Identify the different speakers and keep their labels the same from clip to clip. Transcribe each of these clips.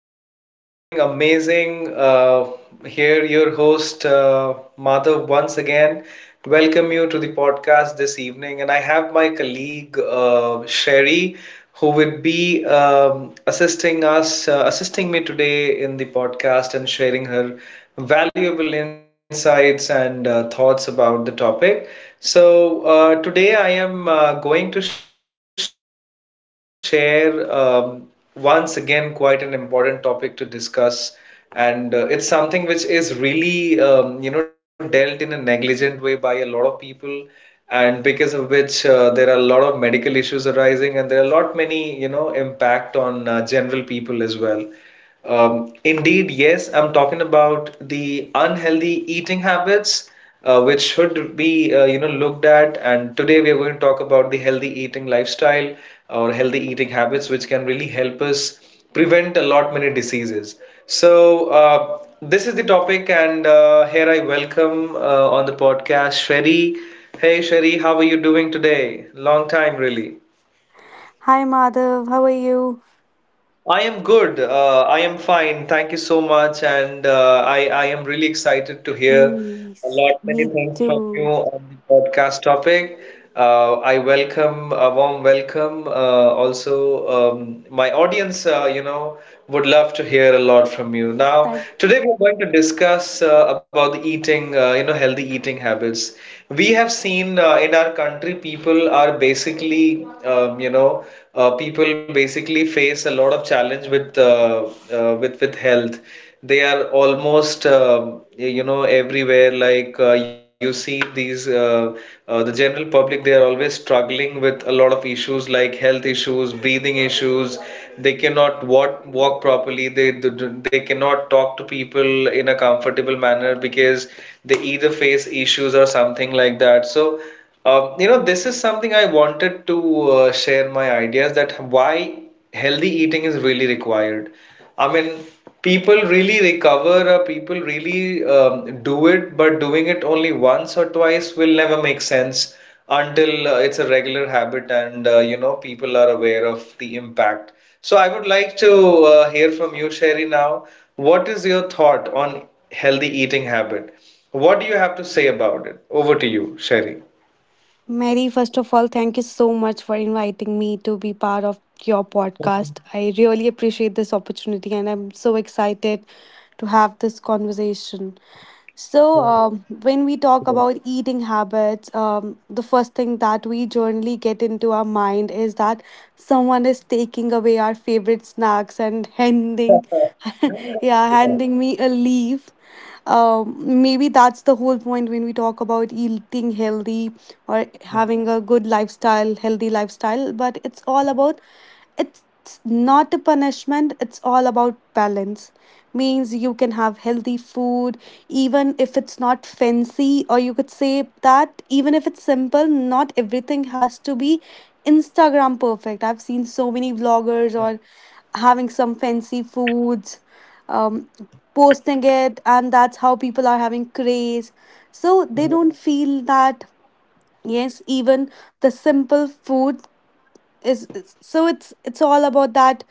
Speaker 1: hope everybody is doing amazing. Here, your host, Madhav, once again, welcome you to the podcast this evening. And I have my colleague, Sherry, who would be assisting us, assisting me today in the podcast and sharing her valuable insights and thoughts about the topic. So today I am going to share once again quite an important topic to discuss and it's something which is really dealt in a negligent way by a lot of people, and because of which there are a lot of medical issues arising and there are a lot many impact on general people as well. Indeed, yes, I'm talking about the unhealthy eating habits, which should be looked at. And today we are going to talk about the healthy eating lifestyle or healthy eating habits, which can really help us prevent a lot many diseases. So this is the topic, and here I welcome on the podcast Sherry. Hey Sherry, how are you doing today? Long time, really.
Speaker 2: Hi Madhav, how are you?
Speaker 1: I am good. I am fine. Thank you so much. And I am really excited to hear
Speaker 2: Mm,
Speaker 1: a
Speaker 2: yes,
Speaker 1: lot many
Speaker 2: me
Speaker 1: things from you
Speaker 2: too.
Speaker 1: on the podcast topic. I welcome a warm welcome. Also, my audience, would love to hear a lot from you. Now,
Speaker 2: Thank
Speaker 1: today we're going to discuss about the eating, healthy eating habits. We have seen in our country, people are basically, people basically face a lot of challenge with with health. They are almost everywhere. Like you see these the general public, they are always struggling with a lot of issues like health issues, breathing issues. They cannot walk properly. They cannot talk to people in a comfortable manner because they either face issues or something like that. So this is something I wanted to share my ideas that why healthy eating is really required. I mean, people really recover or people really do it, but doing it only once or twice will never make sense until it's a regular habit and you know people are aware of the impact. So I would like to hear from you, Sherry, now. What is your thought on healthy eating habit? What do you have to say about it? Over to you, Sherry.
Speaker 2: Mary, first of all, thank you so much for inviting me to be part of your podcast. I really appreciate this opportunity and I'm so excited to have this conversation. So, when we talk about eating habits, the first thing that we generally get into our mind is that someone is taking away our favorite snacks and handing, yeah, handing me a leaf. Maybe that's the whole point when we talk about eating healthy or having a good lifestyle, healthy lifestyle. But it's all about it's not a punishment, it's all about balance. Means you can have healthy food even if it's not fancy, or you could say that even if it's simple, not everything has to be Instagram perfect. I've seen so many vloggers or having some fancy foods, um, posting it, and that's how people are having craze. So they don't feel that yes, even the simple food so it's all about that.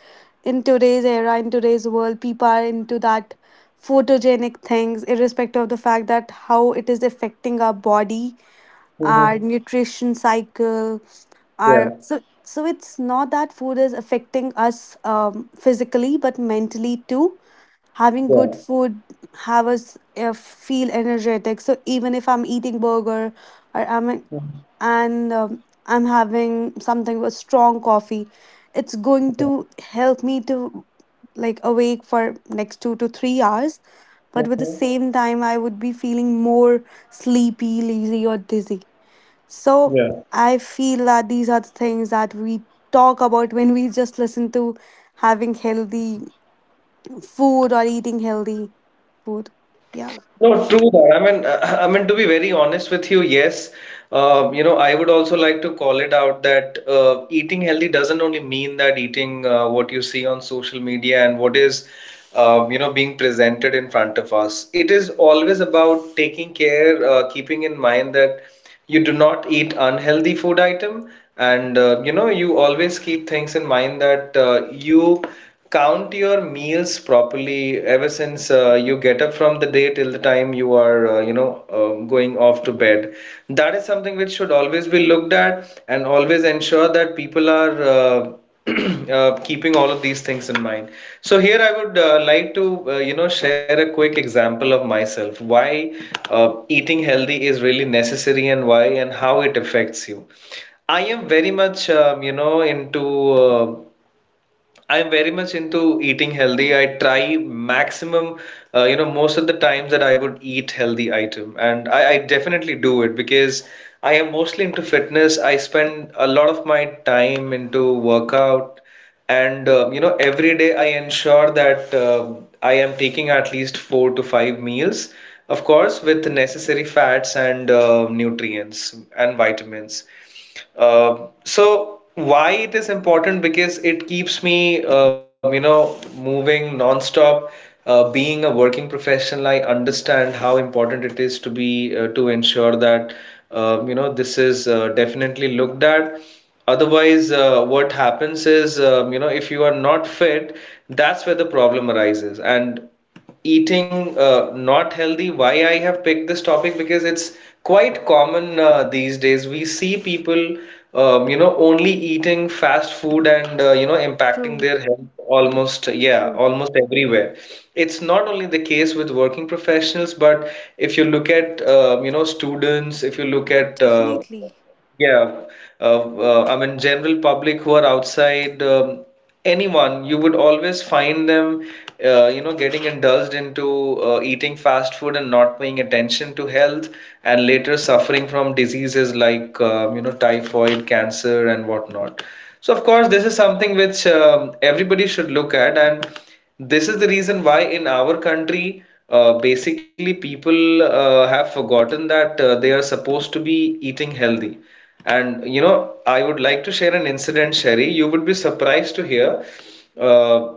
Speaker 2: In today's era, in today's world, people are into that photogenic things irrespective of the fact that how it is affecting our body, our nutrition cycle, our so it's not that food is affecting us physically but mentally too. Having good food have us feel energetic. So even if I'm eating burger or I'm and I'm having something with strong coffee, it's going to help me to like awake for next 2 to 3 hours. But with the same time I would be feeling more sleepy, lazy or dizzy. So I feel that these are the things that we talk about when we just listen to having healthy food or eating healthy both. Yeah,
Speaker 1: No, true that. I mean, I mean to be very honest with you, yes. I would also like to call it out that eating healthy doesn't only mean that eating what you see on social media and what is, being presented in front of us. It is always about taking care, keeping in mind that you do not eat unhealthy food item and you know you always keep things in mind that you count your meals properly ever since you get up from the day till the time you are going off to bed. That is something which should always be looked at and always ensure that people are keeping all of these things in mind. So here I would like to share a quick example of myself why eating healthy is really necessary and why and how it affects you. I am very much into uh, I'm very much into eating healthy. I try maximum, most of the times that I would eat healthy item, and I definitely do it because I am mostly into fitness. I spend a lot of my time into workout, and every day I ensure that I am taking at least four to five meals, of course, with necessary fats and nutrients and vitamins. Uh, so why it is important? Because it keeps me, moving nonstop. Being a working professional, I understand how important it is to be to ensure that you know this is definitely looked at. Otherwise, what happens is if you are not fit, that's where the problem arises. And eating not healthy, why I have picked this topic, because it's quite common these days we see people only eating fast food and impacting
Speaker 2: true,
Speaker 1: their health almost, yeah,
Speaker 2: true.
Speaker 1: almost everywhere. It's not only the case with working professionals, but if you look at students, if you look at
Speaker 2: Definitely.
Speaker 1: yeah, I mean, general public who are outside, anyone, you would always find them, getting indulged into eating fast food and not paying attention to health, and later suffering from diseases like, typhoid, cancer, and whatnot. So, of course, this is something which everybody should look at, and this is the reason why in our country, basically people have forgotten that they are supposed to be eating healthy. And you know, I would like to share an incident, Sherry. You would be surprised to hear. Uh,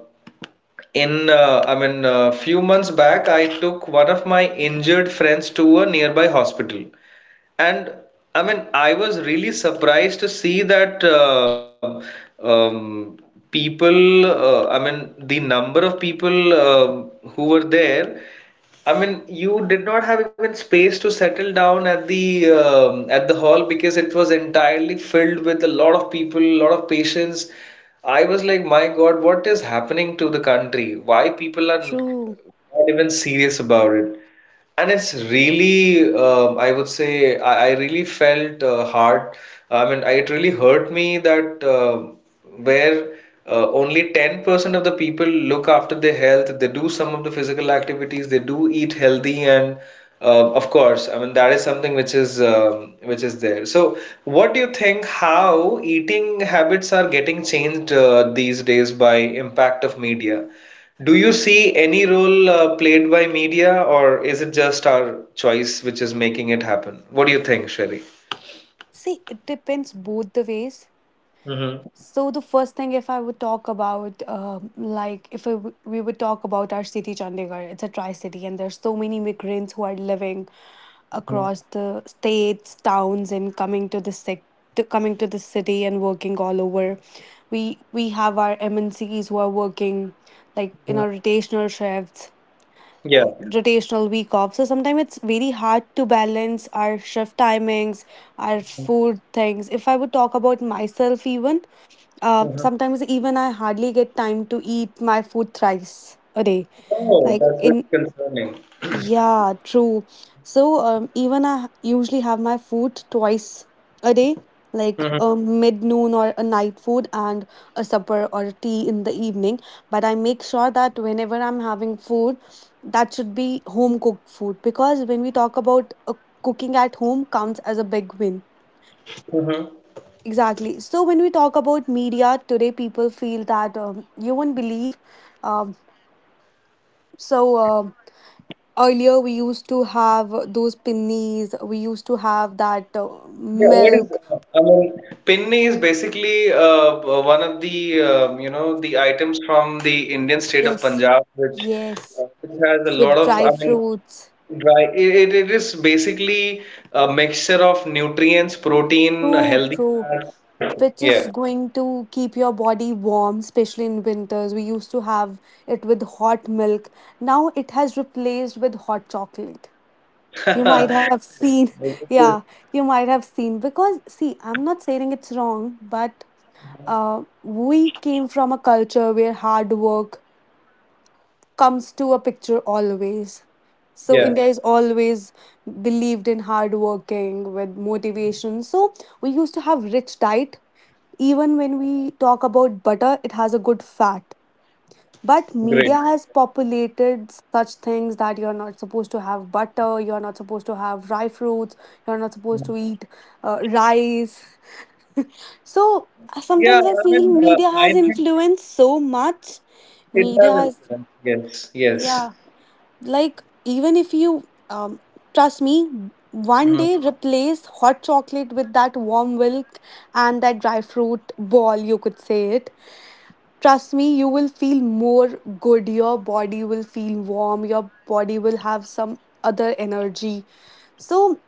Speaker 1: in I mean, a few months back, I took one of my injured friends to a nearby hospital. And I mean, I was really surprised to see that um, people, I mean, the number of people who were there. I mean, you did not have even space to settle down at the hall because it was entirely filled with a lot of people, a lot of patients. I was like, my God, what is happening to the country? Why people are not
Speaker 2: True.
Speaker 1: even serious about it? And it's really, I would say, I really felt hard. I mean, it really hurt me that where only 10% of the people look after their health, they do some of the physical activities, they do eat healthy, and of course, I mean, that is something which is there. So, what do you think how eating habits are getting changed these days by impact of media? Do you see any role played by media, or is it just our choice which is making it happen? What do you think, Sherry?
Speaker 2: See, it depends both the ways.
Speaker 1: Hmm.
Speaker 2: So the first thing, if I would talk about, like if I w- we would talk about our city, Chandigarh, it's a tri-city, and there's so many migrants who are living across the states, towns, and coming to the sec- to coming to the city and working all over. We have our MNCs who are working like in our rotational shifts,
Speaker 1: Yeah.
Speaker 2: rotational week off. So sometimes it's very hard to balance our shift timings, our food things. If I would talk about myself, even
Speaker 1: Hmm.
Speaker 2: sometimes even I hardly get time to eat my food thrice a day.
Speaker 1: Oh,
Speaker 2: Like
Speaker 1: that's very
Speaker 2: in
Speaker 1: concerning.
Speaker 2: yeah, true. So even I usually have my food twice a day, like
Speaker 1: Hmm.
Speaker 2: a mid noon or a night food and a supper or a tea in the evening. But I make sure that whenever I'm having food, that should be home cooked food because when we talk about cooking at home counts as a big win.
Speaker 1: Hmm.
Speaker 2: Exactly. So when we talk about media today, people feel that you won't believe. Um, so. um Earlier, we used to have those pinnies. We used to have that
Speaker 1: Yeah, what is,
Speaker 2: milk.
Speaker 1: I mean, pinni is basically one of the the items from the Indian state of
Speaker 2: Yes,
Speaker 1: Punjab,
Speaker 2: yes,
Speaker 1: which has a lot
Speaker 2: with
Speaker 1: of,
Speaker 2: dry
Speaker 1: I mean,
Speaker 2: fruits.
Speaker 1: right. It is basically a mixture of nutrients, protein,
Speaker 2: True,
Speaker 1: healthy
Speaker 2: true.
Speaker 1: fats.
Speaker 2: Which is
Speaker 1: Yeah.
Speaker 2: going to keep your body warm, especially in winters. We used to have it with hot milk. Now it has replaced with hot chocolate. You might have seen,
Speaker 1: This is-
Speaker 2: yeah, you might have seen. Because, see, I'm not saying it's wrong, but we came from a culture where hard work comes to a picture always. So
Speaker 1: Yeah.
Speaker 2: India is always believed in hard working with motivation. So we used to have rich diet. Even when we talk about butter, it has a good fat. But
Speaker 1: Great.
Speaker 2: media has populated such things that you're not supposed to have butter, you're not supposed to have dry fruits, you're not supposed to eat rice. So
Speaker 1: Yeah.
Speaker 2: sometimes I
Speaker 1: I mean,
Speaker 2: feel media
Speaker 1: I
Speaker 2: has
Speaker 1: think
Speaker 2: influenced so much.
Speaker 1: it
Speaker 2: Media
Speaker 1: has
Speaker 2: has,
Speaker 1: influence. Yes. Yes.
Speaker 2: yeah. Like, even if you, trust me, one
Speaker 1: Mm.
Speaker 2: day replace hot chocolate with that warm milk and that dry fruit ball, you could say it. Trust me, you will feel more good. Your body will feel warm. Your body will have some other energy. So,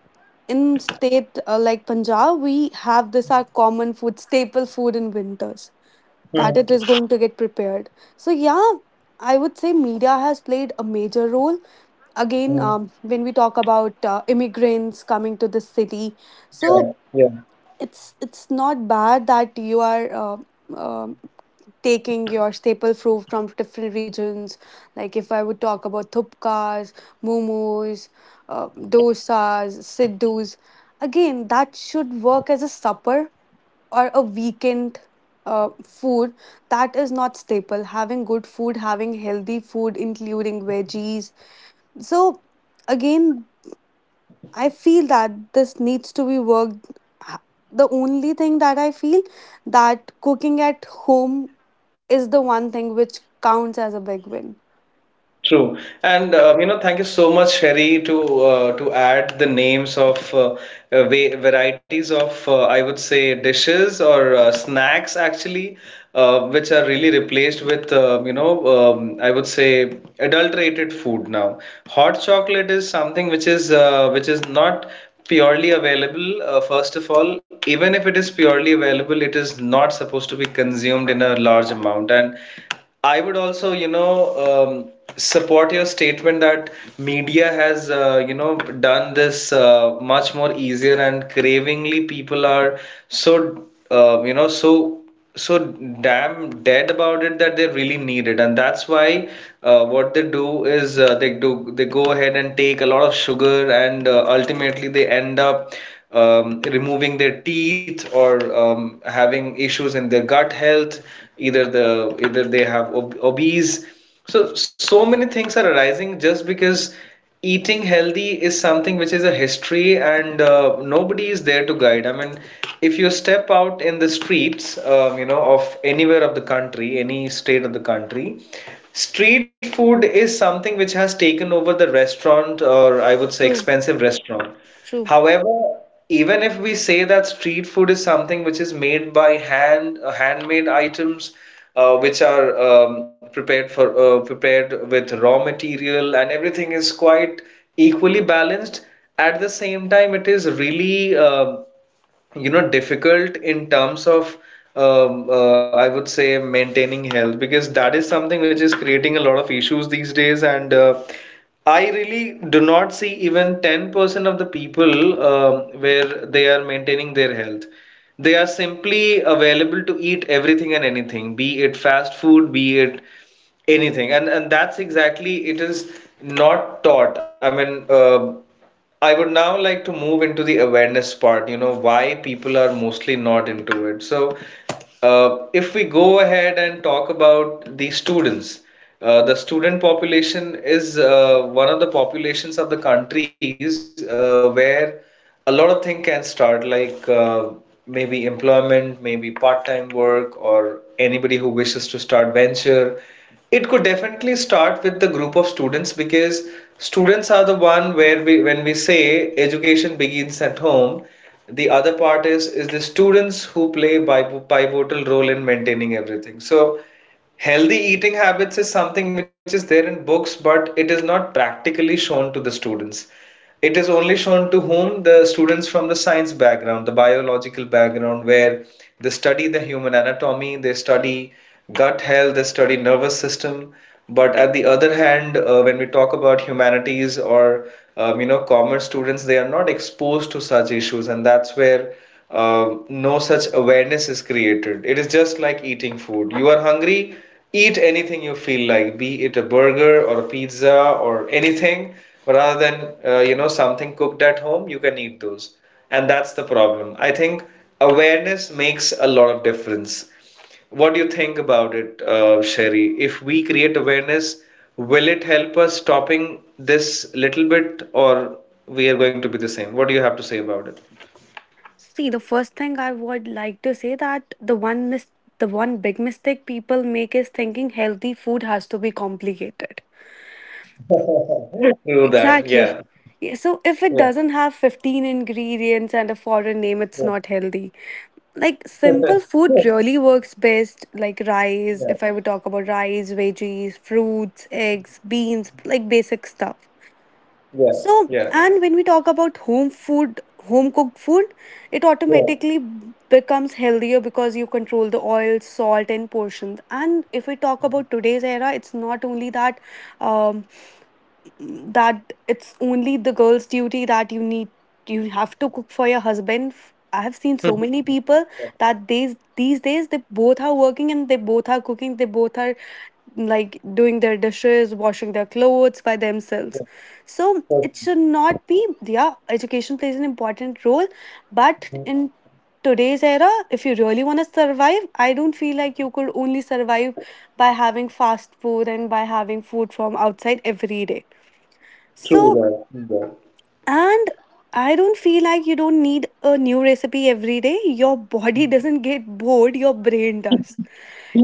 Speaker 2: in state like Punjab, we have this our common food, staple food in winters that it
Speaker 1: Mm.
Speaker 2: is going to get prepared. So, yeah, I would say media has played a major role
Speaker 1: Mm.
Speaker 2: again when we talk about immigrants coming to the city.
Speaker 1: Yeah.
Speaker 2: So
Speaker 1: Yeah.
Speaker 2: it's not bad that you are um taking your staple food from different regions. Like if I would talk about thupkas, momos, uh, dosas, siddhus, again that should work as a supper or a weekend uh, food. That is not staple, having good food, having healthy food including veggies. So again, I feel that this needs to be worked. ha- The only thing that I feel that cooking at home is the one thing which counts as a big win.
Speaker 1: True, and thank you so much, Sherry, to add the names of varieties of I would say dishes or snacks actually, which are really replaced with I would say adulterated food now. Hot chocolate is something which is not purely available. First of all, even if it is purely available, it is not supposed to be consumed in a large amount, and I would also, you know, um, support your statement that media has, done this much more easier and cravingly. People are so, so damn dead about it that they really need it, and that's why what they do is they go ahead and take a lot of sugar, and ultimately they end up removing their teeth or having issues in their gut health, either they have obese. So so many things are arising just because eating healthy is something which is a history, and nobody is there to guide. I mean, if you step out in the streets of anywhere of the country, any state of the country, street food is something which has taken over the restaurant, or I would say
Speaker 2: True,
Speaker 1: expensive restaurant.
Speaker 2: true.
Speaker 1: However, even if we say that street food is something which is made by hand, handmade items, which are prepared for prepared with raw material, and everything is quite equally balanced. At the same time, it is really difficult in terms of I would say maintaining health, because that is something which is creating a lot of issues these days, and I really do not see even 10% of the people where they are maintaining their health. They are simply available to eat everything and anything, be it fast food, be it anything. And that's exactly it is not taught. I mean, I would now like to move into the awareness part, why people are mostly not into it. So, if we go ahead and talk about the students, the student population is one of the populations of the countries where a lot of things can start, like maybe employment, maybe part-time work, or anybody who wishes to start venture. It could definitely start with the group of students because students are the one where we when we say education begins at home, the other part is the students who play pivotal role in maintaining everything. So healthy eating habits is something which is there in books, but it is not practically shown to the students. It is only shown to whom the students from the science background, the biological background, where they study the human anatomy, they study gut health, they study nervous system. But at the other hand, when we talk about humanities or commerce students, they are not exposed to such issues, and that's where no such awareness is created. It is just like eating food. You are hungry, eat anything you feel like, be it a burger or a pizza or anything, rather than something cooked at home, you can eat those. And that's the problem. I think awareness makes a lot of difference. What do you think about it, Sherry? If we create awareness, will it help us stopping this little bit, or we are going to be the same? What do you have to say about it?
Speaker 2: See, the first thing I would like to say that the one big mistake people make is thinking healthy food has to be complicated.
Speaker 1: Do that,
Speaker 2: Exactly.
Speaker 1: yeah,
Speaker 2: Yeah, so if it
Speaker 1: yeah,
Speaker 2: doesn't have 15 ingredients and a foreign name, it's not healthy. Like
Speaker 1: yeah,
Speaker 2: simple food really works best, like rice.
Speaker 1: yeah,
Speaker 2: If I would talk about rice, veggies, fruits, eggs, beans, like basic stuff.
Speaker 1: yeah,
Speaker 2: So
Speaker 1: yeah.
Speaker 2: and when we talk about home food, home cooked food, it
Speaker 1: Yeah.
Speaker 2: automatically becomes healthier because you control the oil, salt and portions. And if we talk about today's era, it's not only that um, that it's only the girl's duty that you have to cook for your husband. I have seen so many people
Speaker 1: Yeah.
Speaker 2: that these days they both are working and they both are cooking, they both are like doing their dishes, washing their clothes by themselves.
Speaker 1: Yeah.
Speaker 2: So it
Speaker 1: Perfect.
Speaker 2: should not be yeah, education plays an important role, but in
Speaker 1: Mhm.
Speaker 2: today's era if you really want to survive, I don't feel like you could only survive by having fast food and by having food from outside every day.
Speaker 1: True
Speaker 2: So,
Speaker 1: that. True that.
Speaker 2: and I don't feel like you don't need a new recipe every day. Your body doesn't get bored, your brain does.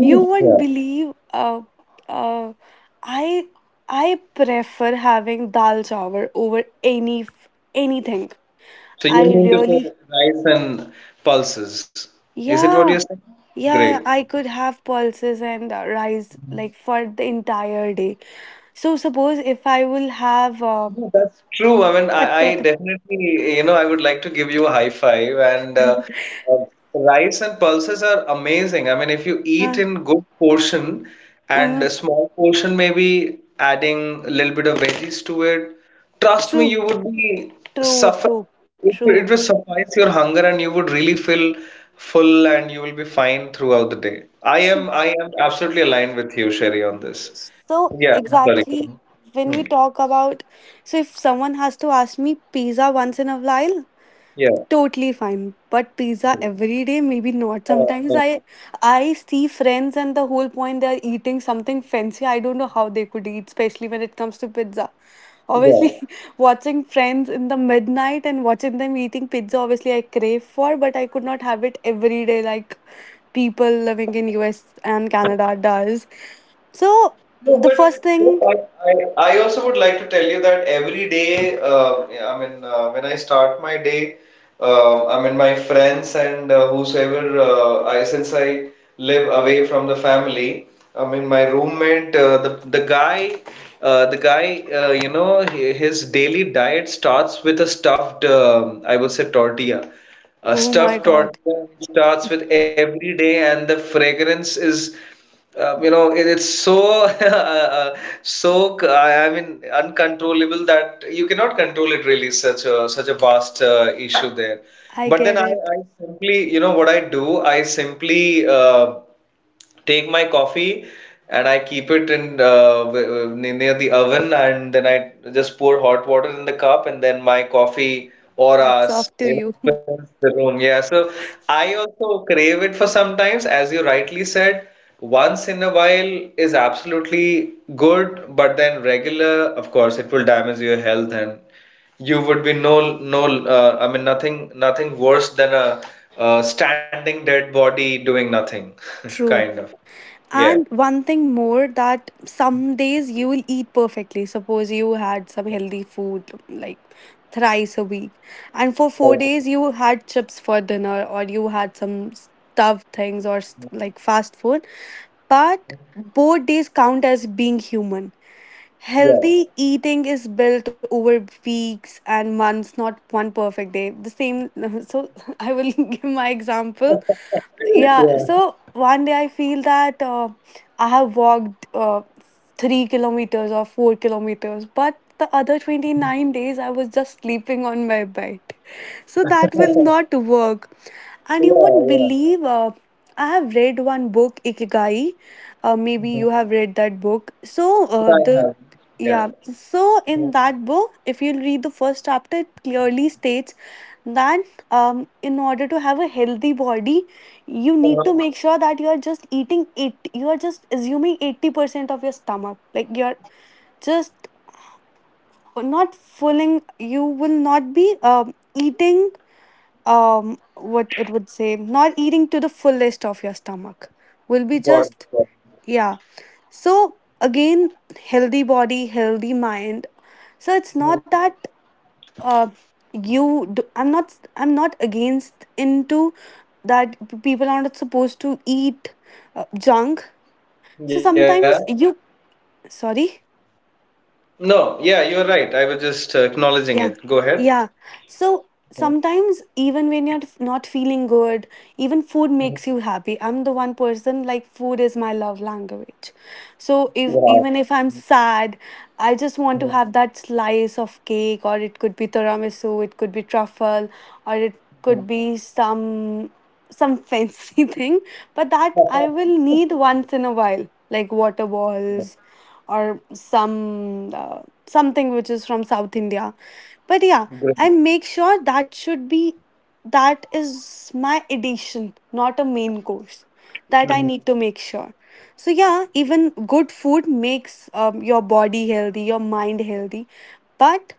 Speaker 2: You won't
Speaker 1: Yeah.
Speaker 2: believe uh I I prefer having dal chawar over anything.
Speaker 1: So
Speaker 2: I
Speaker 1: you mean to
Speaker 2: really
Speaker 1: say rice and pulses. Is it what you're
Speaker 2: yeah.
Speaker 1: saying? Great.
Speaker 2: Yeah, I could have pulses and rice like for the entire day. So suppose if I will have
Speaker 1: No, that's true. I mean, I
Speaker 2: potato,
Speaker 1: definitely, I would like to give you a high five. And uh, rice and pulses are amazing. I mean, if you eat
Speaker 2: uh,
Speaker 1: in good portion and a small portion, maybe adding a little bit of veggies to it, trust me,
Speaker 2: uh,
Speaker 1: you would be
Speaker 2: true,
Speaker 1: suffer.
Speaker 2: true,
Speaker 1: It will
Speaker 2: true.
Speaker 1: suffice your hunger, and you would really feel full, and you will be fine throughout the day. I
Speaker 2: So,
Speaker 1: am, I am absolutely aligned with you, Sherry, on this.
Speaker 2: so
Speaker 1: Yeah, I'm sorry.
Speaker 2: exactly
Speaker 1: Hmm.
Speaker 2: when we
Speaker 1: Hmm.
Speaker 2: talk about, so if someone has to ask me pizza once in a while,
Speaker 1: Yeah.
Speaker 2: totally fine. But pizza every day, maybe not.
Speaker 1: No.
Speaker 2: I see friends and the whole point they are eating something fancy. I don't know how they could eat, especially when it comes to pizza. Obviously,
Speaker 1: Yeah.
Speaker 2: watching Friends in the midnight and watching them eating pizza, obviously, I crave for, but I could not have it every day like people living in US and Canada does. So,
Speaker 1: No,
Speaker 2: the first
Speaker 1: but
Speaker 2: thing,
Speaker 1: I also would like to tell you that every day, yeah, I mean, when I start my day, I mean, my friends and whosoever, I since I live away from the family, I mean, my roommate, the guy, his daily diet starts with a stuffed, I would say, tortilla. A
Speaker 2: oh my
Speaker 1: stuffed
Speaker 2: God,
Speaker 1: tortilla starts with every day, and the fragrance is. It's so so I mean, uncontrollable that you cannot control it really. Such a vast issue there.
Speaker 2: I
Speaker 1: But then
Speaker 2: get
Speaker 1: I,
Speaker 2: it.
Speaker 1: I simply, what I do, I simply take my coffee and I keep it in near the oven, and then I just pour hot water in the cup, and then my coffee or
Speaker 2: Hats
Speaker 1: us,
Speaker 2: off to you.
Speaker 1: fills the room. Yeah, so I also crave it for sometimes, as you rightly said. Once in a while is absolutely good, but then regular, of course, it will damage your health, and you would be no no. I mean, nothing worse than a standing dead body doing nothing, kind
Speaker 2: True.
Speaker 1: of. Yeah.
Speaker 2: And one thing more that some days you will eat perfectly. Suppose you had some healthy food like thrice a week, and for four
Speaker 1: Also,
Speaker 2: days you had chips for dinner or you had some stuffed things or like fast food. But both days count as being human.
Speaker 1: yeah.
Speaker 2: Healthy eating is built over weeks and months, not one perfect day. The same, so I will give my example. Yeah,
Speaker 1: Yeah.
Speaker 2: so one day I feel that I have walked 3 kilometers or 4 kilometers, but the other 29 days I was just sleeping on my bed. So that will not work. And you won't believe I have read one book, Ikigai. Maybe you
Speaker 1: Mhm.
Speaker 2: have read that book. So
Speaker 1: I
Speaker 2: the
Speaker 1: have.
Speaker 2: yeah,
Speaker 1: Yeah.
Speaker 2: so in
Speaker 1: uh
Speaker 2: that book, if you read the first chapter, it clearly states that in order to have a healthy body, you need to
Speaker 1: Uh-huh.
Speaker 2: make sure that you are just eating it. You are just assuming 80% of your stomach. Like you're just not filling, you will not be eating what it would say, not eating to the fullest of your stomach. Will be just,
Speaker 1: What?
Speaker 2: yeah. So again, healthy body, healthy mind. So it's not that
Speaker 1: Mhm.
Speaker 2: uh you do, I'm not I I'm not against into that people are not supposed to eat junk. So
Speaker 1: Yeah.
Speaker 2: sometimes you sorry.
Speaker 1: No. Yeah, you're right. I was just acknowledging
Speaker 2: Yeah,
Speaker 1: it. Go ahead.
Speaker 2: yeah. So
Speaker 1: Mhm.
Speaker 2: sometimes, even when not feeling good, even food makes
Speaker 1: Mhm.
Speaker 2: you happy. I'm the one person like food is my love language. So if
Speaker 1: Wow.
Speaker 2: even if I'm sad, I just want to
Speaker 1: Mhm.
Speaker 2: have that slice of cake, or it could be tiramisu, it could be truffle, or it
Speaker 1: Mhm.
Speaker 2: could be some fancy thing. But that I will need once in a while, like water
Speaker 1: Yeah.
Speaker 2: balls or some something which is from South India. But yeah,
Speaker 1: Great.
Speaker 2: I make sure that should be that is my addition, not a main course. That I need
Speaker 1: Mhm.
Speaker 2: to make sure. So yeah, even good food makes your body healthy, your mind healthy. But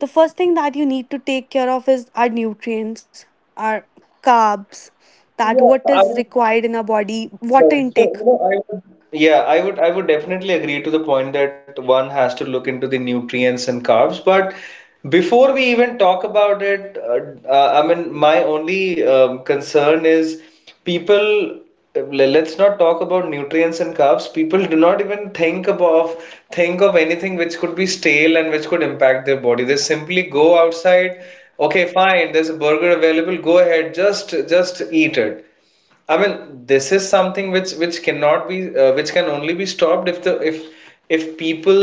Speaker 2: the first thing that you need to take care of is our nutrients, our carbs, that what
Speaker 1: Yeah,
Speaker 2: is
Speaker 1: I mean,
Speaker 2: required in our body, water
Speaker 1: got it. So,
Speaker 2: intake.
Speaker 1: you know, I would yeah, I would definitely agree to the point that one has to look into the nutrients and carbs. But before we even talk about it, I mean, my only concern is people. Let's not talk about nutrients and carbs. People do not even think of anything which could be stale and which could impact their body. They simply go outside. Okay, fine. There's a burger available. Go ahead. Just eat it. I mean, this is something which cannot be which can only be stopped if the if people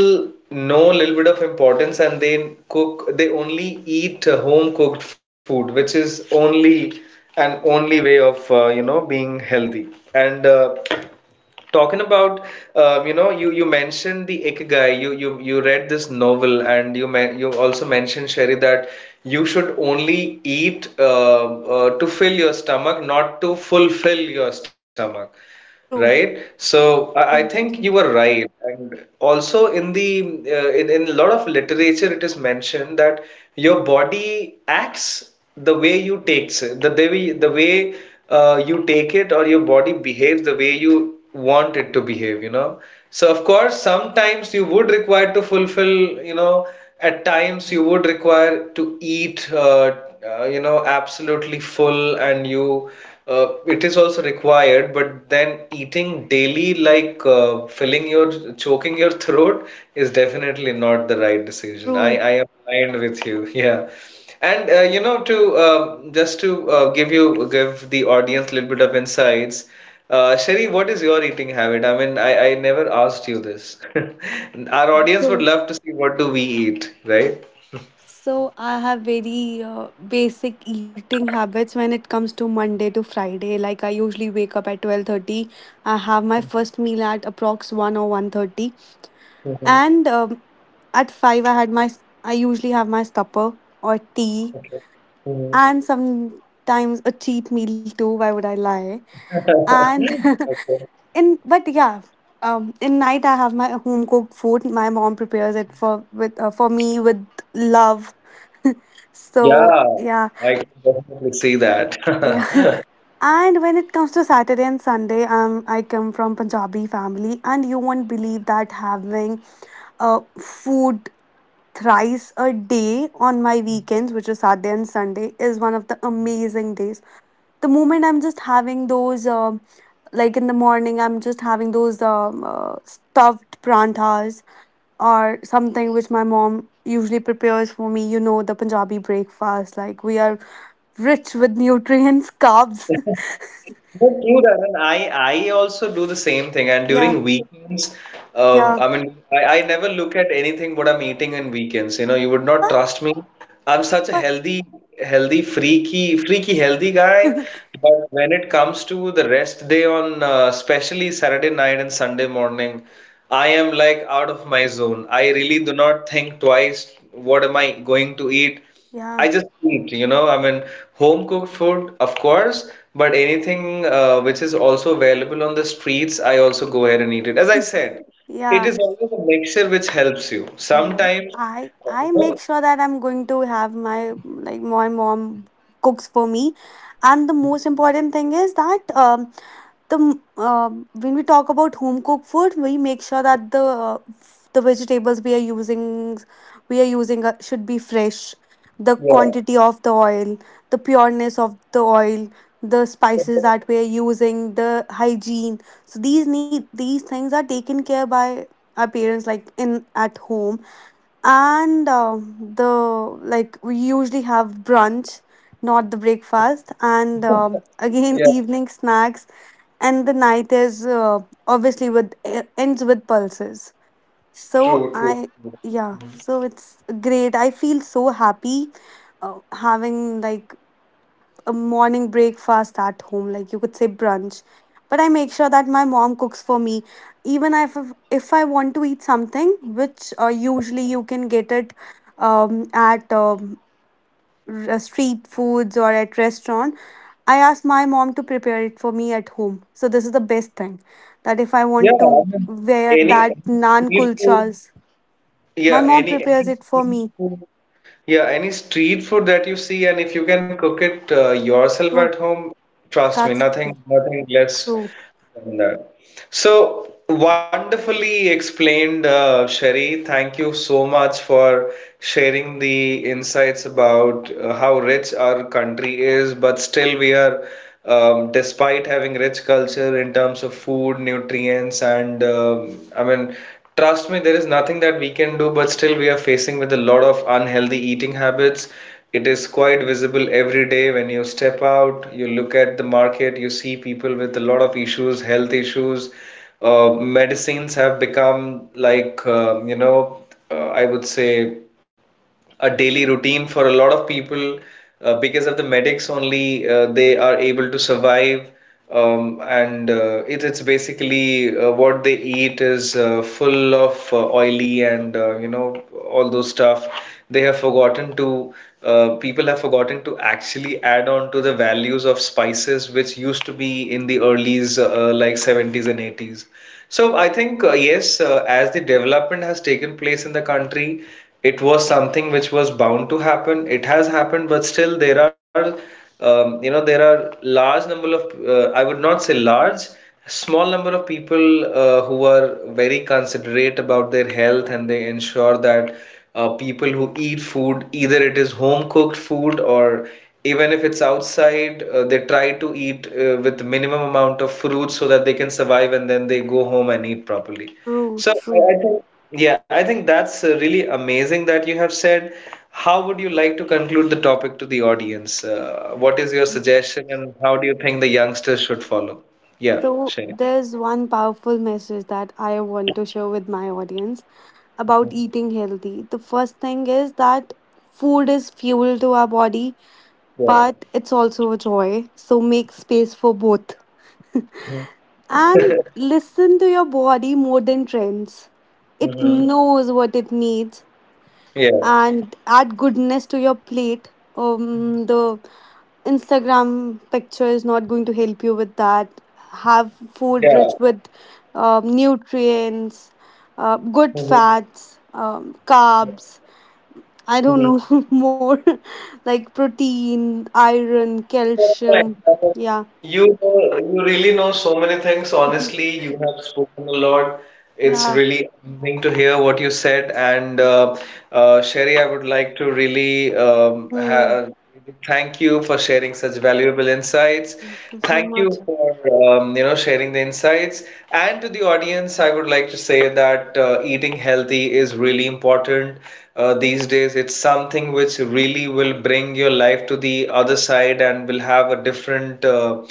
Speaker 1: know a little bit of importance and they only eat home cooked food, which is only an only way of being healthy. And Talking about, you mentioned the Ikigai. You read this novel, and you also mentioned, Sherry, that you should only eat to fill your stomach, not to fulfill your stomach, right?
Speaker 2: True,
Speaker 1: So I
Speaker 2: true,
Speaker 1: think you were right. And also in a lot of literature, it is mentioned that your body acts the way you takes it, the way you take it, or your body behaves the way you want it to behave. So of course, sometimes you would require to fulfill. At times you would require to eat. Absolutely full, and you it is also required, but then eating daily, like filling your choking your throat is definitely not the right decision.
Speaker 2: true,
Speaker 1: I am aligned with you. Yeah. And to just to give the audience a little bit of insights, Sherry, what is your eating habit? I mean, I never asked you this. Our audience
Speaker 2: true.
Speaker 1: would love to see what do we eat, right?
Speaker 2: So I have very basic eating habits when it comes to Monday to Friday. Like I usually wake up at 12:30. I have my first meal at approx 1 or 1:30.
Speaker 1: Hmm.
Speaker 2: And At 5 I had I usually have my supper or tea,
Speaker 1: Okay. Hmm.
Speaker 2: and sometimes a cheat meal too. Why would I lie? And
Speaker 1: Okay.
Speaker 2: in but yeah, in night I have my home cooked food. My mom prepares it for me with love.
Speaker 1: Yeah,
Speaker 2: So yeah.
Speaker 1: I can definitely see that.
Speaker 2: Yeah. And when it comes to Saturday and Sunday, I come from Punjabi family, and you won't believe that having food thrice a day on my weekends, which is Saturday and Sunday, is one of the amazing days. The moment I'm just having those like in the morning, I'm just having those stuffed prantas or something which my mom usually prepares for me. You know, the Punjabi breakfast, like we are rich with nutrients, carbs.
Speaker 1: But true that, and I also do the same thing. And
Speaker 2: Yeah,
Speaker 1: during weekends,
Speaker 2: yeah.
Speaker 1: I mean, I never look at anything what I'm eating in weekends. You know, you would not
Speaker 2: But
Speaker 1: trust me. I'm such
Speaker 2: but
Speaker 1: a healthy, healthy, freaky, freaky healthy guy. But when it comes to the rest day on, especially Saturday night and Sunday morning, I am like out of my zone. I really do not think twice. What am I going to eat?
Speaker 2: yeah,
Speaker 1: I just eat, I mean, home cooked food, of course, but anything which is also available on the streets, I also go ahead and eat it. As I said, it
Speaker 2: yeah.
Speaker 1: is always a mixture which helps you.
Speaker 2: No,
Speaker 1: Sometimes,
Speaker 2: I make sure that I'm going to have my, like, my mom cooks for me, and the most important thing is that when we talk about home cooked food, we make sure that the vegetables we are using should be fresh. The
Speaker 1: yeah,
Speaker 2: quantity of the oil, the pureness of the oil, the spices that we are using, the hygiene. So these things are taken care by our parents, like in at home, and the, like, we usually have brunch, not the breakfast, and again
Speaker 1: yeah,
Speaker 2: evening snacks, and the night is obviously with ends with pulses. So
Speaker 1: true, true,
Speaker 2: I,
Speaker 1: true.
Speaker 2: yeah, so it's great. I feel so happy having, like, a morning breakfast at home, like you could say brunch. But I make sure that my mom cooks for me, even if I want to eat something which usually you can get it at street foods or at restaurant. I asked my mom to prepare it for me at home. So this is the best thing that if I
Speaker 1: Yeah,
Speaker 2: want
Speaker 1: I
Speaker 2: to
Speaker 1: mean,
Speaker 2: wear
Speaker 1: any,
Speaker 2: that
Speaker 1: any
Speaker 2: naan
Speaker 1: street
Speaker 2: kulchas,
Speaker 1: food,
Speaker 2: my
Speaker 1: yeah,
Speaker 2: mom
Speaker 1: any
Speaker 2: prepares
Speaker 1: any
Speaker 2: it for me.
Speaker 1: street food, yeah, any street food that you see, and if you can cook it yourself
Speaker 2: True.
Speaker 1: at home, trust
Speaker 2: That's
Speaker 1: me,
Speaker 2: true.
Speaker 1: nothing less
Speaker 2: True.
Speaker 1: than that. So wonderfully explained, Sherry. Thank you so much for sharing the insights about how rich our country is, but still we are, despite having rich culture in terms of food, nutrients, and I mean, trust me, there is nothing that we can do, but still we are facing with a lot of unhealthy eating habits. It is quite visible every day when you step out, you look at the market, you see people with a lot of issues, health issues. Medicines have become like, I would say a daily routine for a lot of people because of the medics only they are able to survive, and it's basically what they eat is full of oily and all those stuff. They have forgotten to People have forgotten to actually add on to the values of spices which used to be in the early's like 70s and 80s. So I think yes, as the development has taken place in the country, it was something which was bound to happen. It has happened, but still there are large number of I would not say large, small number of people who are very considerate about their health and they ensure that people who eat food either it is home cooked food or even if it's outside they try to eat with minimum amount of fruit so that they can survive and then they go home and eat properly.
Speaker 2: True.
Speaker 1: So I,
Speaker 2: True.
Speaker 1: I think, yeah, I think that's really amazing that you have said. How would you like to conclude the topic to the audience? What is your suggestion, and how do you think the youngsters should follow? Yeah,
Speaker 2: So
Speaker 1: Shane.
Speaker 2: there's one powerful message that I want to share with my audience about eating healthy. The first thing is that food is fuel to our body,
Speaker 1: Yeah.
Speaker 2: but it's also a joy. So make space for both. And listen to your body more than trends. It
Speaker 1: Hmm.
Speaker 2: knows what it needs,
Speaker 1: Yeah.
Speaker 2: and add goodness to your plate. The Instagram picture is not going to help you with that. Have food rich
Speaker 1: Yeah.
Speaker 2: with nutrients, good
Speaker 1: Hmm.
Speaker 2: fats, carbs. I don't know more like protein, iron,
Speaker 1: That's fine.
Speaker 2: calcium. Yeah,
Speaker 1: You know, you really know so many things. Honestly, you have spoken a lot. It's
Speaker 2: yeah.
Speaker 1: really amazing to hear what you said. And Sherry, I would like to really um, ha
Speaker 2: Mm,
Speaker 1: really thank you for sharing such valuable insights.
Speaker 2: thank you so
Speaker 1: Thank
Speaker 2: much.
Speaker 1: you for sharing the insights. And to the audience, I would like to say that eating healthy is really important these days. It's something which really will bring your life to the other side and will have a different, uh,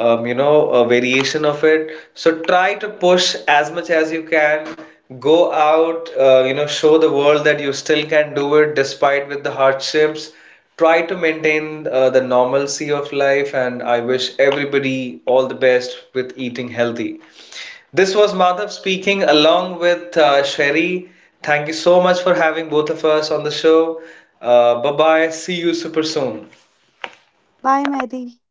Speaker 1: um, you know, a variation of it. So try to push as much as you can. Go out, show the world that you still can do it despite with the hardships. Try to maintain the normalcy of life, and I wish everybody all the best with eating healthy. This was Madhav speaking along with Sherry. Thank you so much for having both of us on the show. Bye bye. See you super soon.
Speaker 2: Bye, Mary.